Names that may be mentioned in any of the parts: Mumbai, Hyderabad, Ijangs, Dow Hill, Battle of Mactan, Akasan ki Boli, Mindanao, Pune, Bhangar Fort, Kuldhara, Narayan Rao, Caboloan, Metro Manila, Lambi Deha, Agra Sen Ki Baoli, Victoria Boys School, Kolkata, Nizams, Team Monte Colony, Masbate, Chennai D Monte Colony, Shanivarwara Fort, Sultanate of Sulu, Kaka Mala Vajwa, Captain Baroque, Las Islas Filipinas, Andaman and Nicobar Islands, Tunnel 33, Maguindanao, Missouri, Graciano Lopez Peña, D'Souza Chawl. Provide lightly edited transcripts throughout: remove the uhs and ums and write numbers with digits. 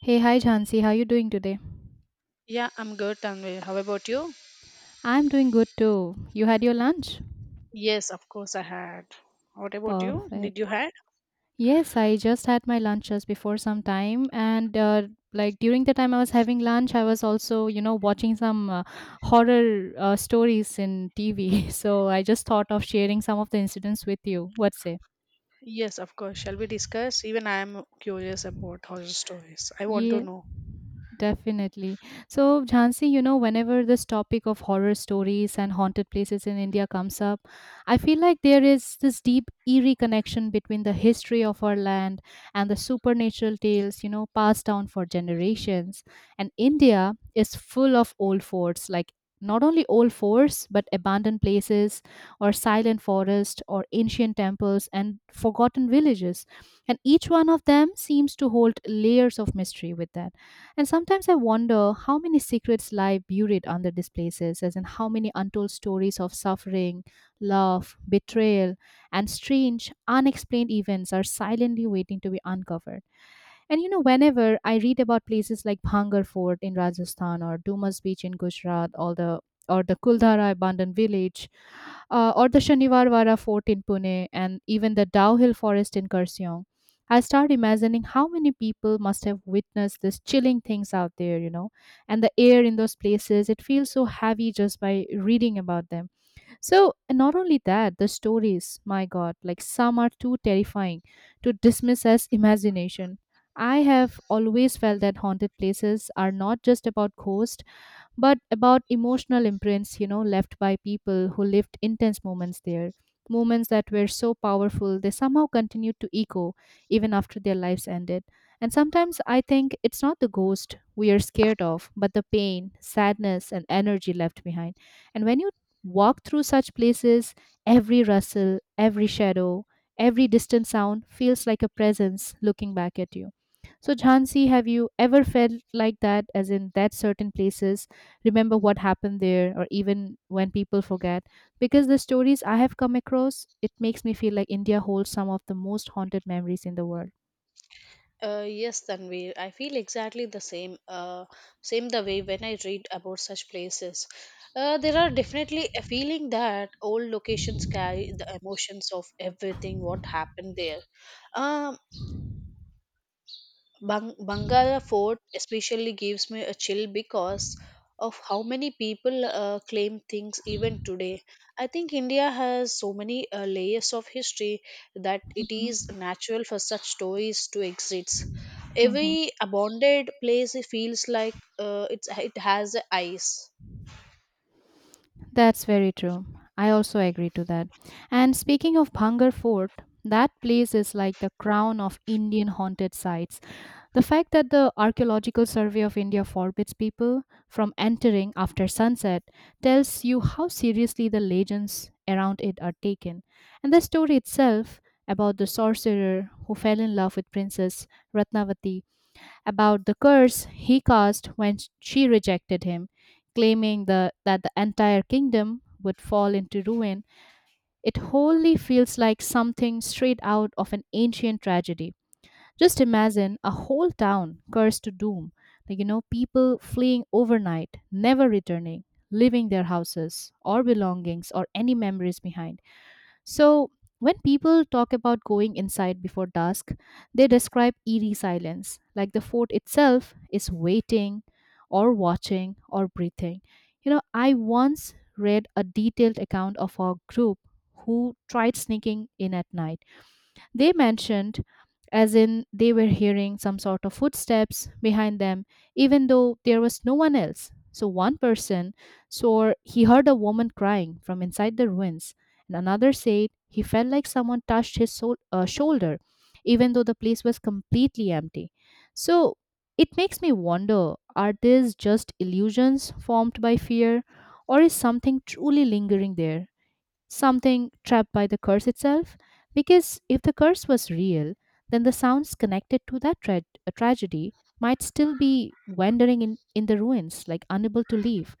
Hey, hi Jhansi, how are you doing today? Yeah, I'm good, Tanvi. How about you? I'm doing good too. You had your lunch? Yes, of course I had. What about you? Did Perfect. you had? Yes, I just had my lunch just before some time, and like during the time I was having lunch, I was also, you know, watching some horror stories in TV. So I just thought of sharing some of the incidents with you. What say? Yes, of course. Shall we discuss? Even I am curious about horror stories. I want to Yeah, know. definitely. So, Jhansi, you know, whenever this topic of horror stories and haunted places in India comes up, I feel like there is this deep, eerie connection between the history of our land and the supernatural tales, you know, passed down for generations. And India is full of old forts, like not only old forts, but abandoned places or silent forests or ancient temples and forgotten villages, and each one of them seems to hold layers of mystery with that. And sometimes I wonder how many secrets lie buried under these places, as in how many untold stories of suffering, love, betrayal, and strange unexplained events are silently waiting to be uncovered. And you know, whenever I read about places like Bhangar Fort in Rajasthan or Dumas Beach in Gujarat, all the or the Kuldhara abandoned village, or the Shanivarwara fort in Pune, and even the Dow Hill forest in Kurseong, I start imagining how many people must have witnessed these chilling things out there, you know, and the air in those places, it feels so heavy just by reading about them. So, and not only that, the stories, my God, like some are too terrifying to dismiss as imagination. I have always felt that haunted places are not just about ghosts but about emotional imprints, you know, left by people who lived intense moments there. Moments that were so powerful, they somehow continued to echo even after their lives ended. And sometimes I think it's not the ghost we are scared of, but the pain, sadness, and energy left behind. And when you walk through such places, every rustle, every shadow, every distant sound feels like a presence looking back at you. So, Jhansi, have you ever felt like that, as in that certain places remember what happened there, or even when people forget? Because the stories I have come across, it makes me feel like India holds some of the most haunted memories in the world. Yes, Tanvi, I feel exactly the same, same the way when I read about such places. There are definitely a feeling that old locations carry the emotions of everything what happened there. Um, Bangara Fort especially gives me a chill because of how many people claim things even today. I think India has so many layers of history that it is Mhm, natural for such stories to exist. mhm. Every abandoned place feels like it has a eyes. That's very true. I also agree to that. And speaking of Bhangar Fort, that place is like the crown of Indian haunted sites. The fact that the Archaeological Survey of India forbids people from entering after sunset tells you how seriously the legends around it are taken. And the story itself, about the sorcerer who fell in love with Princess Ratnavati, about the curse he cast when she rejected him, claiming that the entire kingdom would fall into ruin, it wholly feels like something straight out of an ancient tragedy. Just imagine a whole town cursed to doom, like, you know, people fleeing overnight, never returning, leaving their houses or belongings or any memories behind. So, when people talk about going inside before dusk, they describe eerie silence, like the fort itself is waiting or watching or breathing. You know, I once read a detailed account of a group who tried sneaking in at night. They mentioned, as in, they were hearing some sort of footsteps behind them, even though there was no one else. So one person swore he heard a woman crying from inside the ruins, and another said he felt like someone touched his soul, shoulder, even though the place was completely empty. So it makes me wonder, are these just illusions formed by fear, or is something truly lingering there? Something trapped by the curse itself? Because if the curse was real, then the sounds connected to that tragedy might still be wandering in the ruins, like unable to leave.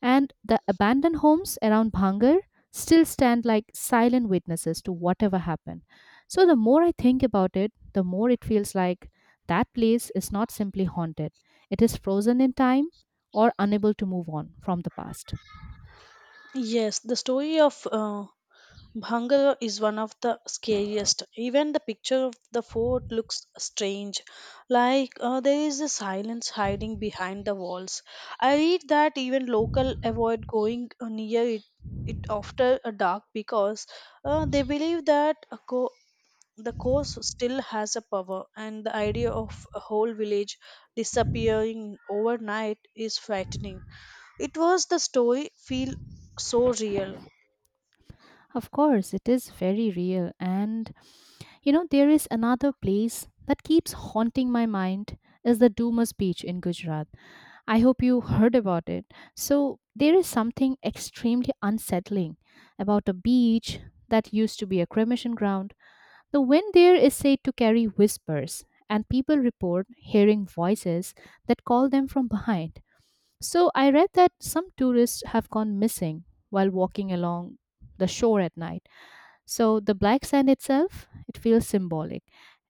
And the abandoned homes around Bhangar still stand like silent witnesses to whatever happened. So the more I think about it, the more it feels like that place is not simply haunted, it is frozen in time, or unable to move on from the past. Yes, the story of Bhangra is one of the scariest. Even the picture of the fort looks strange, like there is a silence hiding behind the walls. I read that even local avoid going near it after a dark because they believe that the coast still has a power, and the idea of a whole village disappearing overnight is frightening. It was the story feel so real. Of course, it is very real. And you know, there is another place that keeps haunting my mind, is the Doomer's Beach in Gujarat. I hope you heard about it. So, there is something extremely unsettling about a beach that used to be a cremation ground. The wind there is said to carry whispers, and people report hearing voices that call them from behind. So, I read that some tourists have gone missing while walking along the shore at night. So the black sand itself, it feels symbolic,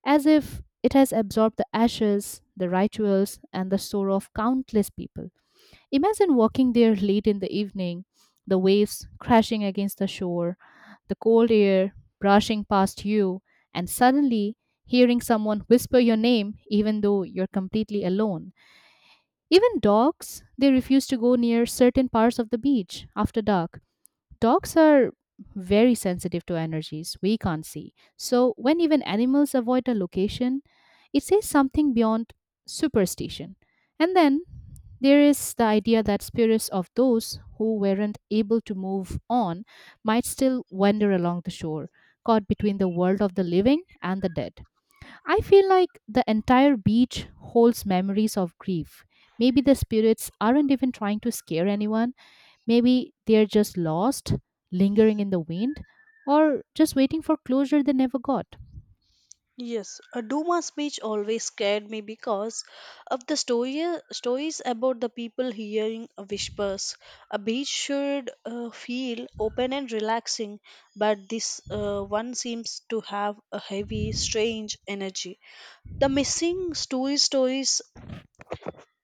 as if it has absorbed the ashes, the rituals, and the sorrow of countless people. Imagine walking there late in the evening, the waves crashing against the shore, the cold air brushing past you, and suddenly hearing someone whisper your name even though you're completely alone. Even dogs, they refuse to go near certain parts of the beach after dark. Dogs are very sensitive to energies we can't see. So, when even animals avoid a location, it says something beyond superstition. And then there is the idea that spirits of those who weren't able to move on might still wander along the shore, caught between the world of the living and the dead. I feel like the entire beach holds memories of grief. Maybe the spirits aren't even trying to scare anyone. Maybe they're just lost, lingering in the wind, or just waiting for closure they never got. Yes, a Duma speech always scared me because of stories about the people hearing whispers. A beach should feel open and relaxing, but this one seems to have a heavy, strange energy. The missing story stories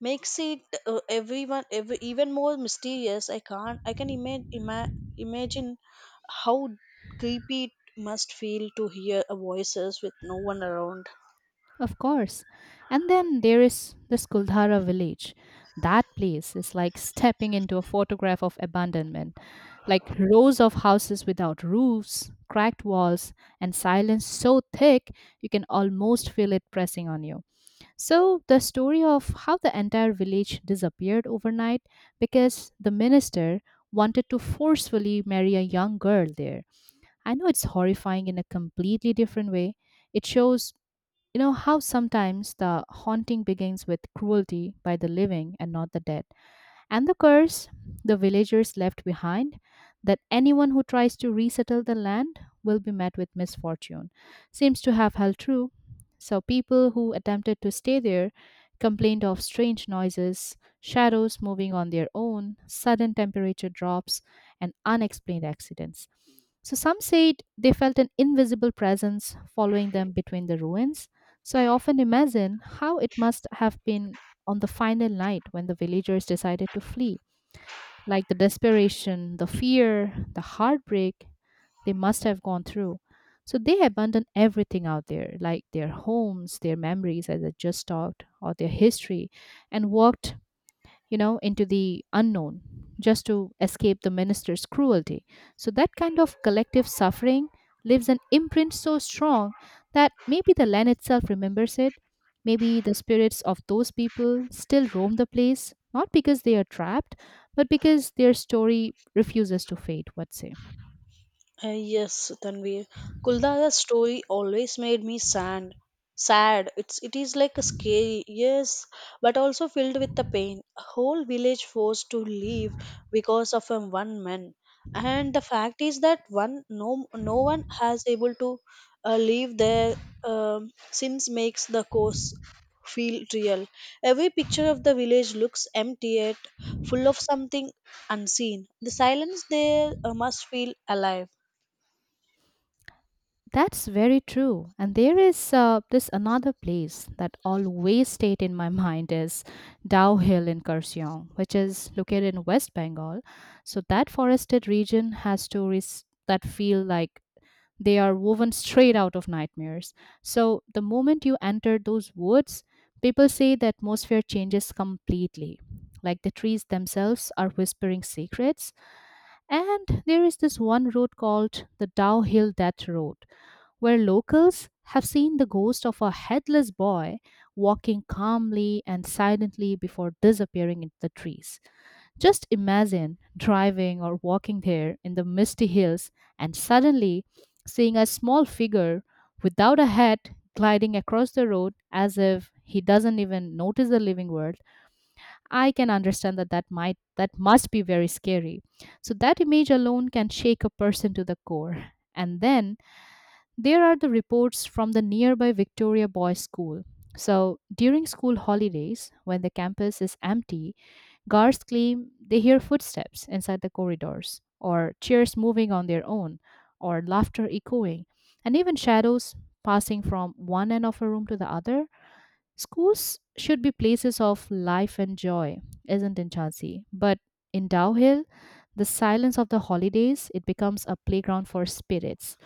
makes it even more mysterious. I can't. I can imagine how creepy it must feel to hear a voices with no one around. Of course. And then there is this Kuldhara village. That place is like stepping into a photograph of abandonment. Like rows of houses without roofs, cracked walls, and silence so thick you can almost feel it pressing on you. So, the story of how the entire village disappeared overnight because the minister wanted to forcefully marry a young girl there, I know it's horrifying in a completely different way. It shows, you know, how sometimes the haunting begins with cruelty by the living and not the dead. And the curse the villagers left behind, that anyone who tries to resettle the land will be met with misfortune, seems to have held true. So people who attempted to stay there complained of strange noises, shadows moving on their own, sudden temperature drops, and unexplained accidents. So some said they felt an invisible presence following them between the ruins. So I often imagine how it must have been on the final night when the villagers decided to flee. Like the desperation, the fear, the heartbreak they must have gone through. So they abandoned everything out there, like their homes, their memories, as I just talked, or their history, and walked, you know, into the unknown, just to escape the minister's cruelty. So that kind of collective suffering leaves an imprint so strong that maybe the land itself remembers it. Maybe the spirits of those people still roam the place, not because they are trapped, but because their story refuses to fade, what say? Yes, Tanvir. Kuldara's story always made me sad. Sad. It is like a scary, yes, but also filled with the pain. A whole village forced to leave because of a one man. And the fact is that one no one has able to leave their sins makes the course feel real. Every picture of the village looks empty yet full of something unseen. The silence there must feel alive. That's very true. And there is this another place that always stayed in my mind is Dow Hill in Kaohsiung, which is located in West Bengal. So that forested region has stories that feel like they are woven straight out of nightmares. So the moment you enter those woods, people say the atmosphere changes completely. Like the trees themselves are whispering secrets. And there is this one road called the Dow Hill Death Road, where locals have seen the ghost of a headless boy walking calmly and silently before disappearing into the trees. Just imagine driving or walking there in the misty hills and suddenly seeing a small figure without a head gliding across the road as if he doesn't even notice the living world. I can understand that that might that must be very scary. So that image alone can shake a person to the core. And then there are the reports from the nearby Victoria Boys School. So, during school holidays, when the campus is empty, guards claim they hear footsteps inside the corridors, or chairs moving on their own, or laughter echoing, and even shadows passing from one end of a room to the other. Schools should be places of life and joy, isn't it, Chansey? But in Dow Hill, the silence of the holidays, it becomes a playground for spirits.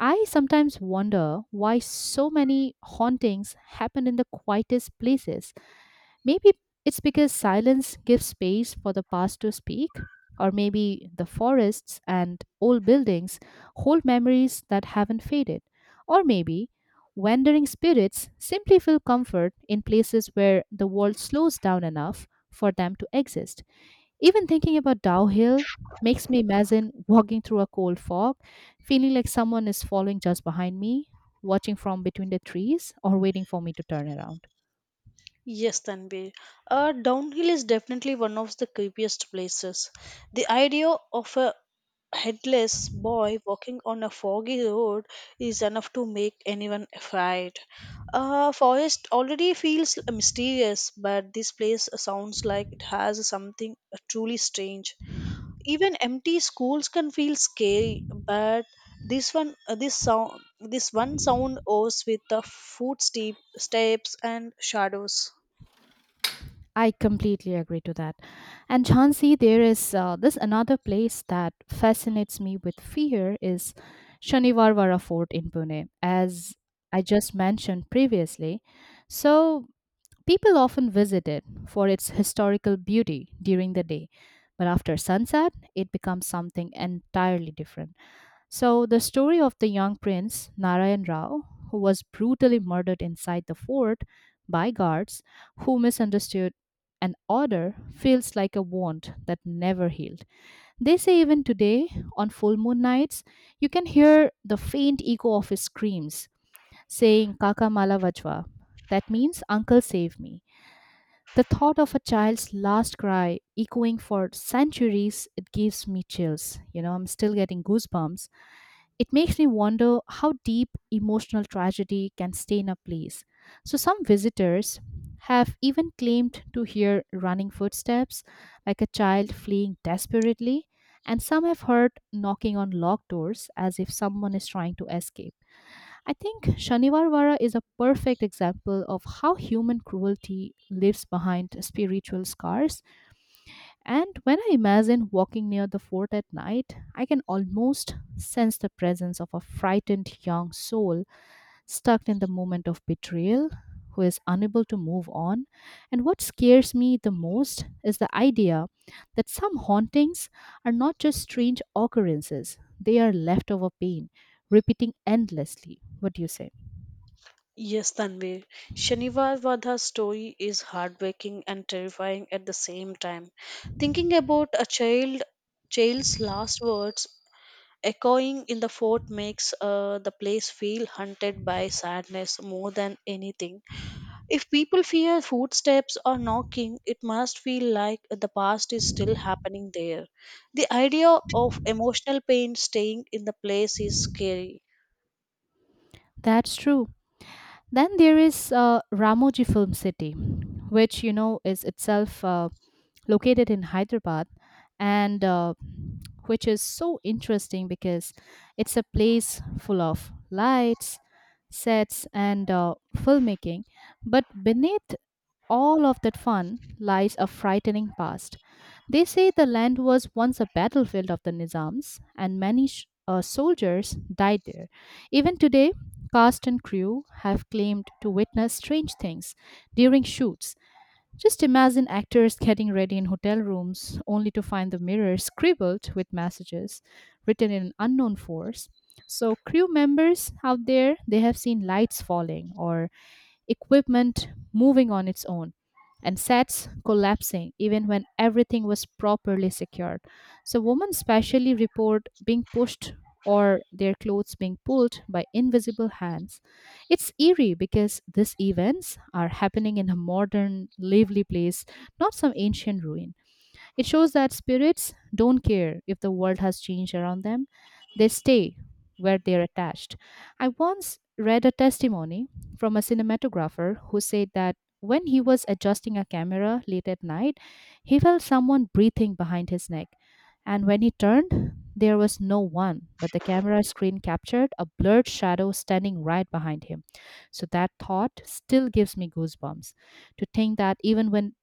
I sometimes wonder why so many hauntings happen in the quietest places. Maybe it's because silence gives space for the past to speak, or maybe the forests and old buildings hold memories that haven't faded, or maybe wandering spirits simply feel comfort in places where the world slows down enough for them to exist. Even thinking about Dow Hill makes me imagine walking through a cold fog, feeling like someone is following just behind me, watching from between the trees, or waiting for me to turn around. Yes, Tanvi. Downhill is definitely one of the creepiest places. The idea of a headless boy walking on a foggy road is enough to make anyone afraid. Forest already feels mysterious, but this place sounds like it has something truly strange. Even empty schools can feel scary, but this one, this sound, this one sound owes with the footsteps, steps, and shadows. I completely agree to that. And Jhansi, there is this another place that fascinates me with fear is Shanivarvara Fort in Pune, as I just mentioned previously. So people often visit it for its historical beauty during the day, but after sunset, it becomes something entirely different. So, the story of the young prince Narayan Rao, who was brutally murdered inside the fort by guards who misunderstood an order, feels like a wound that never healed. They say even today, on full moon nights, you can hear the faint echo of his screams saying Kaka Mala Vajwa. That means Uncle Save Me. The thought of a child's last cry echoing for centuries, it gives me chills. You know, I'm still getting goosebumps. It makes me wonder how deep emotional tragedy can stain a place. So, some visitors have even claimed to hear running footsteps, like a child fleeing desperately, and some have heard knocking on locked doors as if someone is trying to escape. I think Shanivarvara is a perfect example of how human cruelty leaves behind spiritual scars. And when I imagine walking near the fort at night, I can almost sense the presence of a frightened young soul stuck in the moment of betrayal, who is unable to move on. And what scares me the most is the idea that some hauntings are not just strange occurrences, they are leftover pain, repeating endlessly. What do you say? Yes, Tanvir. Shanivar Vadha's story is heartbreaking and terrifying at the same time. Thinking about a child child's last words echoing in the fort makes the place feel haunted by sadness more than anything. If people fear footsteps or knocking, it must feel like the past is still happening there. The idea of emotional pain staying in the place is scary. That's true. Then there is Ramoji Film City, which you know is itself located in Hyderabad, and which is so interesting because it's a place full of lights, sets, and filmmaking. But beneath all of that fun lies a frightening past. They say the land was once a battlefield of the Nizams, and many soldiers died there. Even today, cast and crew have claimed to witness strange things during shoots. Just imagine actors getting ready in hotel rooms only to find the mirror scribbled with messages written in an unknown force. So, crew members out there, they have seen lights falling or equipment moving on its own, and sets collapsing even when everything was properly secured. So, women specially report being pushed or their clothes being pulled by invisible hands. It's eerie because these events are happening in a modern, lively place, not some ancient ruin. It shows that spirits don't care if the world has changed around them, they stay where they are attached. I once read a testimony from a cinematographer who said that when he was adjusting a camera late at night, he felt someone breathing behind his neck. And when he turned, there was no one, but the camera screen captured a blurred shadow standing right behind him. So that thought still gives me goosebumps to think that even when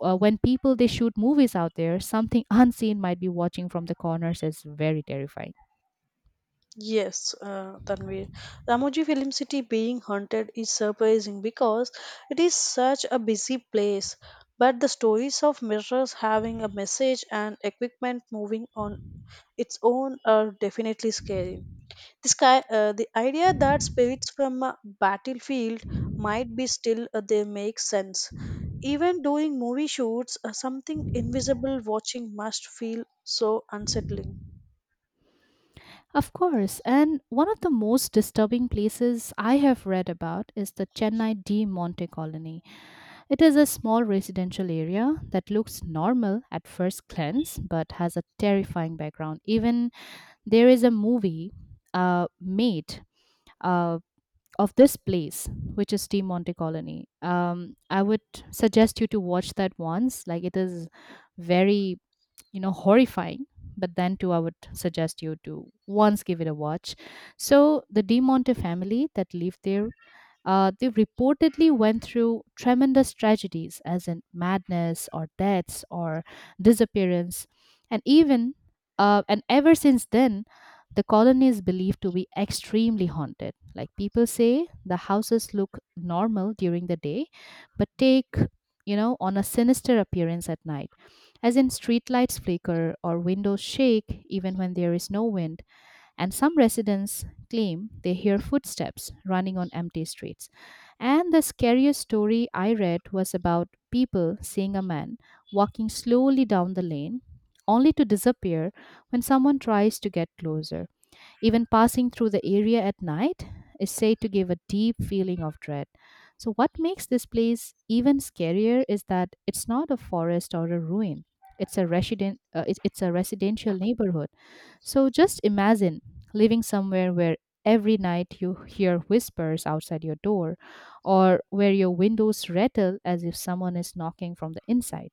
uh, when people they shoot movies out there, something unseen might be watching from the corners is very terrifying. Yes, Tanvir. Ramoji Film City being haunted is surprising because it is such a busy place. But the stories of mirrors having a message and equipment moving on its own are definitely scary. The sky, the idea that spirits from a battlefield might be still there makes sense. Even during movie shoots, something invisible watching must feel so unsettling. Of course, and one of the most disturbing places I have read about is the Chennai D Monte colony. It is a small residential area that looks normal at first glance but has a terrifying background. Even there is a movie made Uh, of this place, which is Team Monte Colony. I would suggest you to watch that once. Like it is very, you know, horrifying, but then too I would suggest you to once give it a watch. So the de Monte family that lived there, they reportedly went through tremendous tragedies as in madness or deaths or disappearance, and even and ever since then the colony is believed to be extremely haunted. Like people say the houses look normal during the day but take, you know, on a sinister appearance at night, as in streetlights flicker or windows shake even when there is no wind, and some residents claim they hear footsteps running on empty streets. And the scariest story I read was about people seeing a man walking slowly down the lane only to disappear when someone tries to get closer. Even passing through the area at night is said to give a deep feeling of dread. So, what makes this place even scarier is that it's not a forest or a ruin. It's a resident. It's a residential neighborhood, so just imagine living somewhere where every night you hear whispers outside your door or where your windows rattle as if someone is knocking from the inside.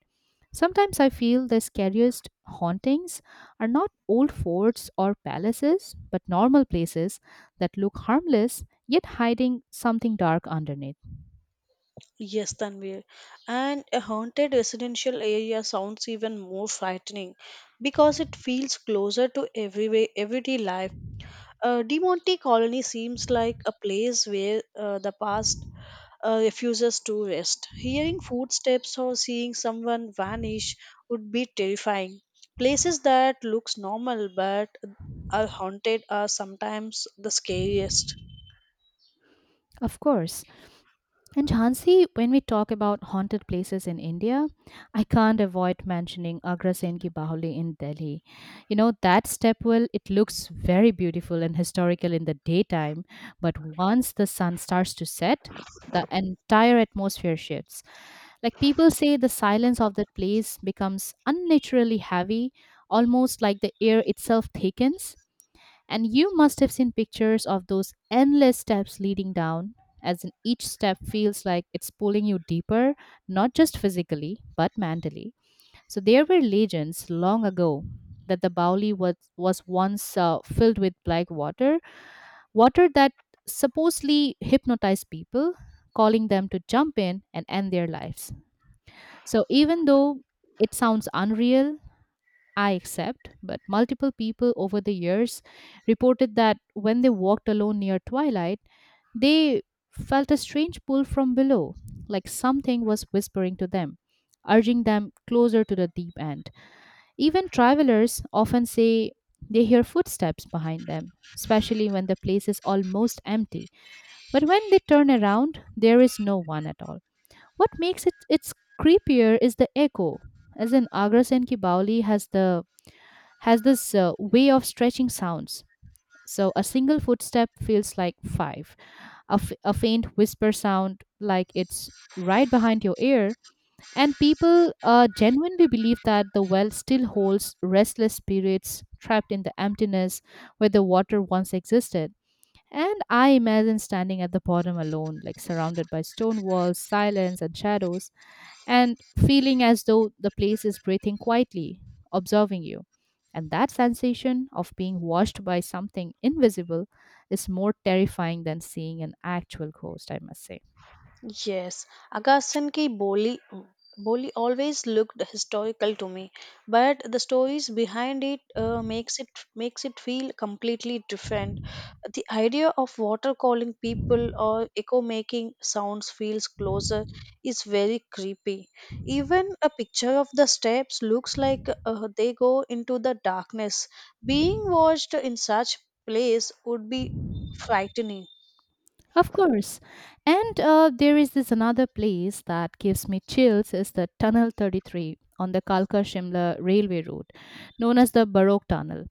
Sometimes I feel the scariest hauntings are not old forts or palaces, but normal places that look harmless yet hiding something dark underneath. Yes, Tanvir. And a haunted residential area sounds even more frightening because it feels closer to everyday life. Demonte Colony seems like a place where the past refuses to rest. Hearing footsteps or seeing someone vanish would be terrifying. Places that looks normal but are haunted are sometimes the scariest. Of course. And Jhansi, when we talk about haunted places in India, I can't avoid mentioning Agra Sen Ki Bahuli in Delhi. You know, that stepwell, it looks very beautiful and historical in the daytime, but once the sun starts to set, the entire atmosphere shifts. Like people say, the silence of that place becomes unnaturally heavy, almost like the air itself thickens. And you must have seen pictures of those endless steps leading down, as in each step feels like it's pulling you deeper, not just physically, but mentally. So there were legends long ago that the Bauli was once filled with black water, water that supposedly hypnotized people, calling them to jump in and end their lives. So even though it sounds unreal, I accept, but multiple people over the years reported that when they walked alone near twilight, they felt a strange pull from below, like something was whispering to them, urging them closer to the deep end. Even travelers often say they hear footsteps behind them, especially when the place is almost empty. But when they turn around, there is no one at all. What makes it it's creepier is the echo. As in Agra Sen Ki Baoli has this way of stretching sounds. So a single footstep feels like five, a faint whisper sound like it's right behind your ear, and people genuinely believe that the well still holds restless spirits trapped in the emptiness where the water once existed. And I imagine standing at the bottom alone, like surrounded by stone walls, silence, and shadows, and feeling as though the place is breathing quietly, observing you. And that sensation of being watched by something invisible is more terrifying than seeing an actual ghost, I must say. Yes, Akasan ki Boli Boli always looked historical to me, but the stories behind it makes it feel completely different. The idea of water calling people or echo making sounds feels closer is very creepy. Even a picture of the steps looks like they go into the darkness. Being watched in such place would be frightening. Of course. And there is this another place that gives me chills is the Tunnel 33 on the Kalka Shimla railway route, known as the Baroque Tunnel.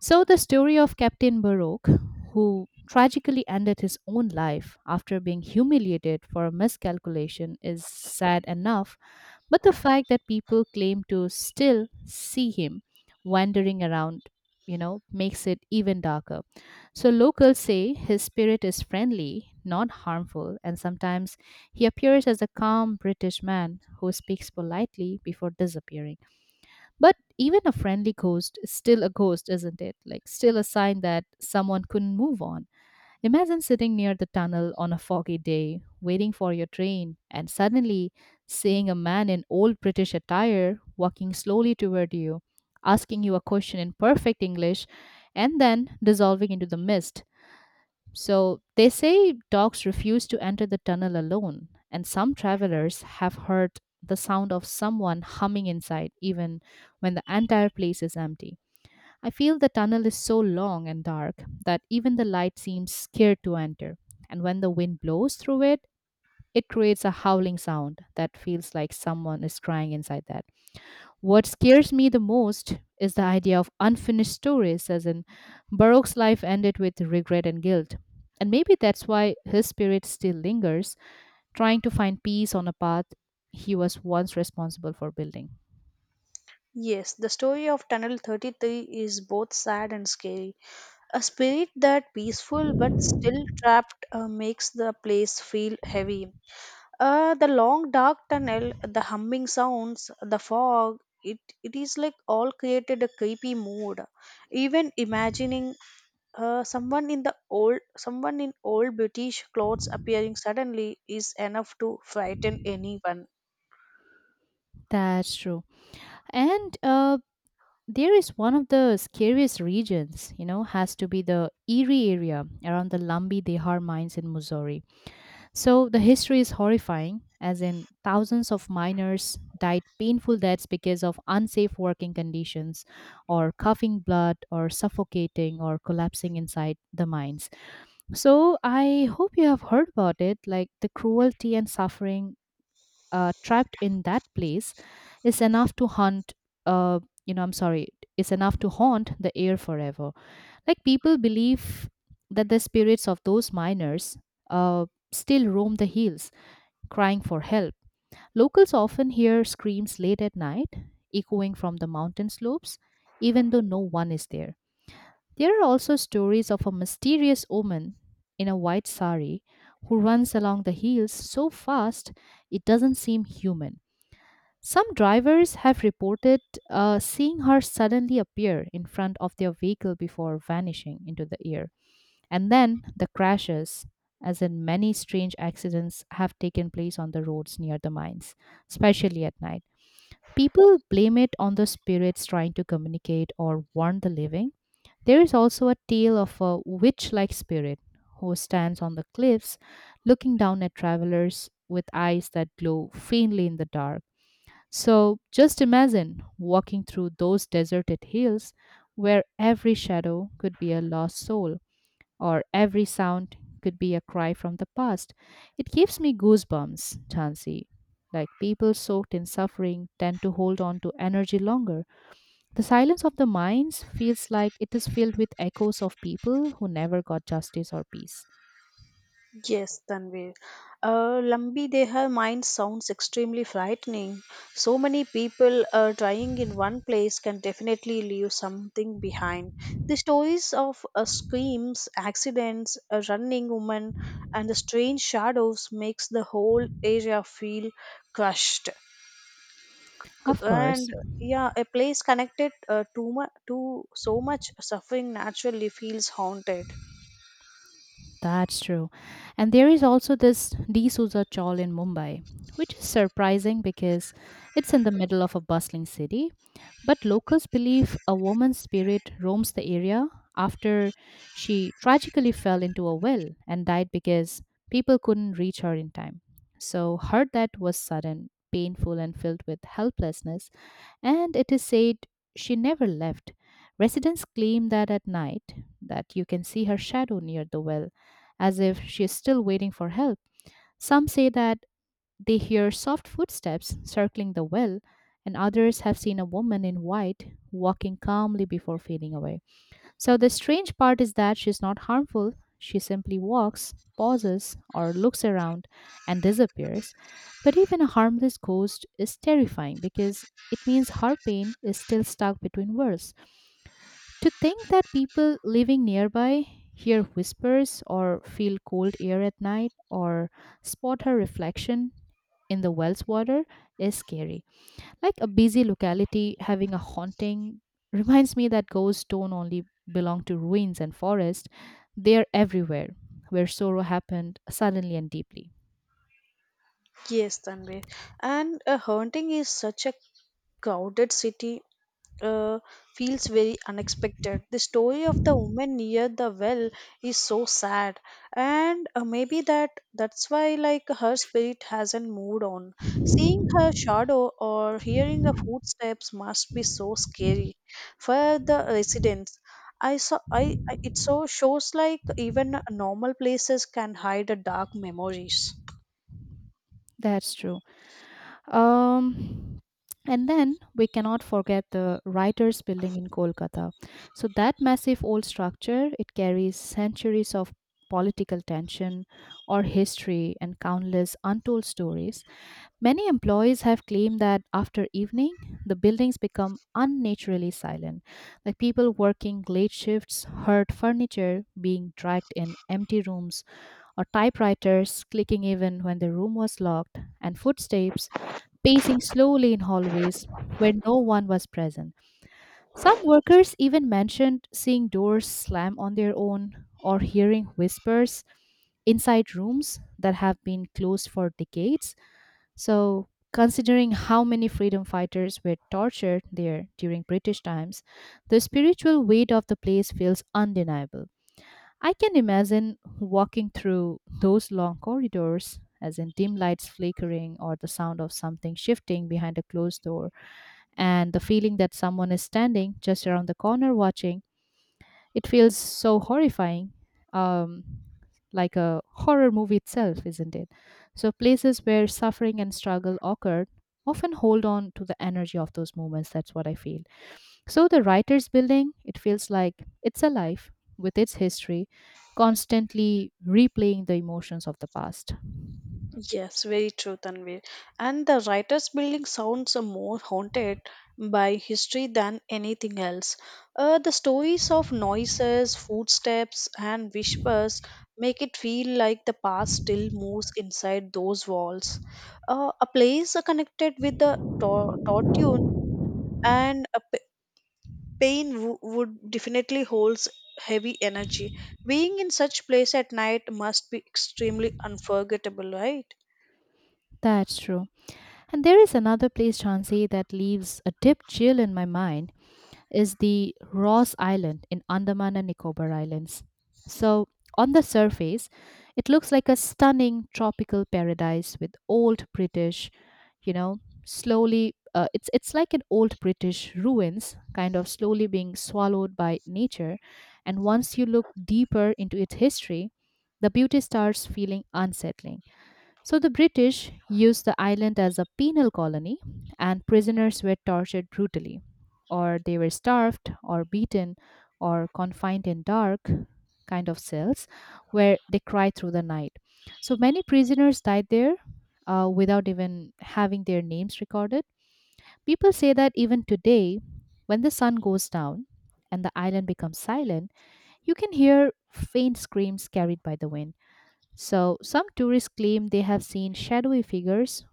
So, the story of Captain Baroque, who tragically ended his own life after being humiliated for a miscalculation, is sad enough, but the fact that people claim to still see him wandering around, you know, makes it even darker. So, locals say his spirit is friendly, not harmful, and sometimes he appears as a calm British man who speaks politely before disappearing. But even a friendly ghost is still a ghost, isn't it? Like, still a sign that someone couldn't move on. Imagine sitting near the tunnel on a foggy day, waiting for your train, and suddenly seeing a man in old British attire walking slowly toward you, asking you a question in perfect English, and then dissolving into the mist. So they say dogs refuse to enter the tunnel alone, and some travelers have heard the sound of someone humming inside, even when the entire place is empty. I feel the tunnel is so long and dark that even the light seems scared to enter, and when the wind blows through it, it creates a howling sound that feels like someone is crying inside that. What scares me the most is the idea of unfinished stories, as in Baroque's life ended with regret and guilt. And maybe that's why his spirit still lingers, trying to find peace on a path he was once responsible for building. Yes, the story of Tunnel 33 is both sad and scary. A spirit that peaceful but still trapped makes the place feel heavy. The long dark tunnel, the humming sounds, the fog, it, it is like all created a creepy mood. Even imagining someone in old British clothes appearing suddenly is enough to frighten anyone. That's true. And there is one of the scariest regions, you know, has to be the Erie area around the Lumbee Dehar mines in Missouri. So the history is horrifying, as in thousands of miners died painful deaths because of unsafe working conditions, or coughing blood, or suffocating, or collapsing inside the mines. So I hope you have heard about it. Like the cruelty and suffering trapped in that place is enough to haunt. Uh, you know, I'm sorry, is enough to haunt the air forever. Like people believe that the spirits of those miners still roam the hills crying for help. Locals often hear screams late at night, echoing from the mountain slopes, even though no one is there. There are also stories of a mysterious woman in a white sari who runs along the hills so fast it doesn't seem human. Some drivers have reported seeing her suddenly appear in front of their vehicle before vanishing into the air. And then the crashes, as in many strange accidents, have taken place on the roads near the mines, especially at night. People blame it on the spirits trying to communicate or warn the living. There is also a tale of a witch like spirit who stands on the cliffs looking down at travelers with eyes that glow faintly in the dark. So just imagine walking through those deserted hills where every shadow could be a lost soul or every sound could be a cry from the past. It gives me goosebumps, Chansey. Like, people soaked in suffering tend to hold on to energy longer. The silence of the mines feels like it is filled with echoes of people who never got justice or peace. Yes, Tanvir. Lambi Deha mine sounds extremely frightening. So many people trying in one place can definitely leave something behind. The stories of screams, accidents, a running woman, and the strange shadows makes the whole area feel crushed. Of course, And yeah, a place connected to so much suffering naturally feels haunted. that's true. And there is also this D'Souza Chawl in Mumbai, which is surprising because it's in the middle of a bustling city. But locals believe a woman's spirit roams the area after she tragically fell into a well and died because people couldn't reach her in time. So her death was sudden, painful, and filled with helplessness, and it is said she never left. Residents claim that at night, that you can see her shadow near the well as if she is still waiting for help. Some say that they hear soft footsteps circling the well, and others have seen a woman in white walking calmly before fading away. So the strange part is that she's not harmful. She simply walks, pauses, or looks around and disappears. But even a harmless ghost is terrifying because it means her pain is still stuck between worlds. To think that people living nearby hear whispers or feel cold air at night or spot her reflection in the Wells water is scary. Like, a busy locality having a haunting reminds me that ghosts don't only belong to ruins and forests, they're everywhere where sorrow happened suddenly and deeply. Yes, Tanvir. And haunting is such a crowded city uh, feels very unexpected. The story of the woman near the well is so sad, and maybe that's why like her spirit hasn't moved on. Seeing her shadow or hearing her footsteps must be so scary for the residents. I it so shows like even normal places can hide a dark memories. That's true. Um, and then we cannot forget the writers' building in Kolkata. So that massive old structure, it carries centuries of political tension or history and countless untold stories. Many employees have claimed that after evening, the buildings become unnaturally silent, like people working late shifts heard furniture being dragged in empty rooms or typewriters clicking even when the room was locked, and footsteps pacing slowly in hallways where no one was present. Some workers even mentioned seeing doors slam on their own or hearing whispers inside rooms that have been closed for decades. So, considering how many freedom fighters were tortured there during British times, the spiritual weight of the place feels undeniable. I can imagine walking through those long corridors, as in dim lights flickering or the sound of something shifting behind a closed door, and the feeling that someone is standing just around the corner watching. It feels so horrifying, um, like a horror movie itself, isn't it? So, places where suffering and struggle occurred often hold on to the energy of those moments. That's what I feel. So, the writer's building, it feels like it's alive with its history, constantly replaying the emotions of the past. Yes, very true, Tanvir. And the writer's building sounds more haunted by history than anything else. The stories of noises, footsteps, and whispers make it feel like the past still moves inside those walls. A place connected with the tortune and pain would definitely holds heavy energy. Being in such place at night must be extremely unforgettable, right? That's true. And there is another place, Chansey, that leaves a deep chill in my mind is the Ross Island in Andaman and Nicobar Islands. So, on the surface, it looks like a stunning tropical paradise with old British, you know, slowly. It's like an old British ruins, kind of slowly being swallowed by nature, and once you look deeper into its history, the beauty starts feeling unsettling. So the British used the island as a penal colony, and prisoners were tortured brutally, or they were starved, or beaten, or confined in dark kind of cells where they cried through the night. So many prisoners died there without even having their names recorded. People say that even today, when the sun goes down and the island becomes silent, you can hear faint screams carried by the wind. So, some tourists claim they have seen shadowy figures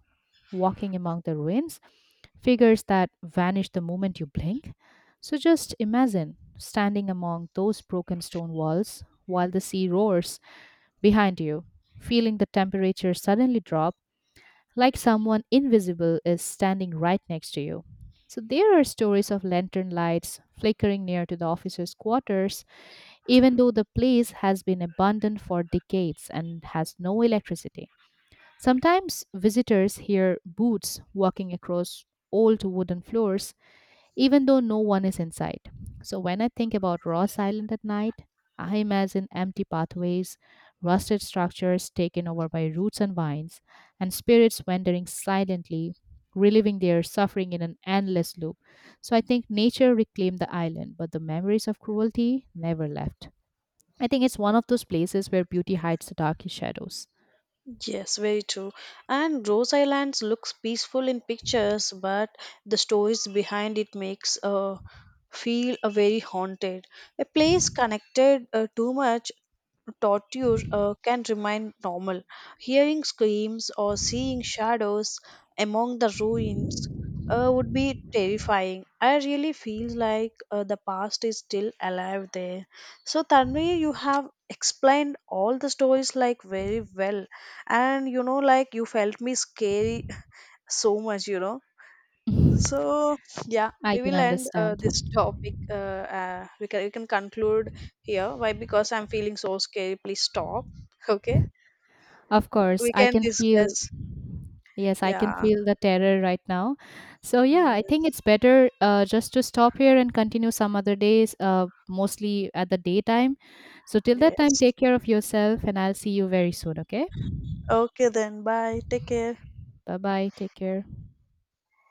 walking among the ruins, figures that vanish the moment you blink. So, just imagine standing among those broken stone walls while the sea roars behind you, feeling the temperature suddenly drop like someone invisible is standing right next to you. So, there are stories of lantern lights flickering near to the officers' quarters, even though the place has been abandoned for decades and has no electricity. Sometimes visitors hear boots walking across old wooden floors, even though no one is inside. So when I think about Ross Island at night, I imagine empty pathways, rusted structures taken over by roots and vines, and spirits wandering silently, reliving their suffering in an endless loop. So I think nature reclaimed the island, but the memories of cruelty never left. I think it's one of those places where beauty hides the darkest shadows. Yes, very true. And Rose Islands looks peaceful in pictures, but the stories behind it makes feel a very haunted. A place connected too much torture can remain normal. Hearing screams or seeing shadows among the ruins would be terrifying. I really feel like the past is still alive there. So, Tanvi, you have explained all the stories like very well, and you know, like you felt me scary so much, you know. I So yeah, we can will end understand. this topic. We can conclude here. Why? Because I'm feeling so scared. Please stop. Okay. Of course, We I can can feel. discuss. Yes, I can Yeah. feel the terror right now. So yeah, I think Yes. it's better just to stop here and continue some other days, mostly at the daytime. So till that time, Yes. take care of yourself, and I'll see you very soon. Okay? Okay then. Bye. Take care. Bye bye. Take care.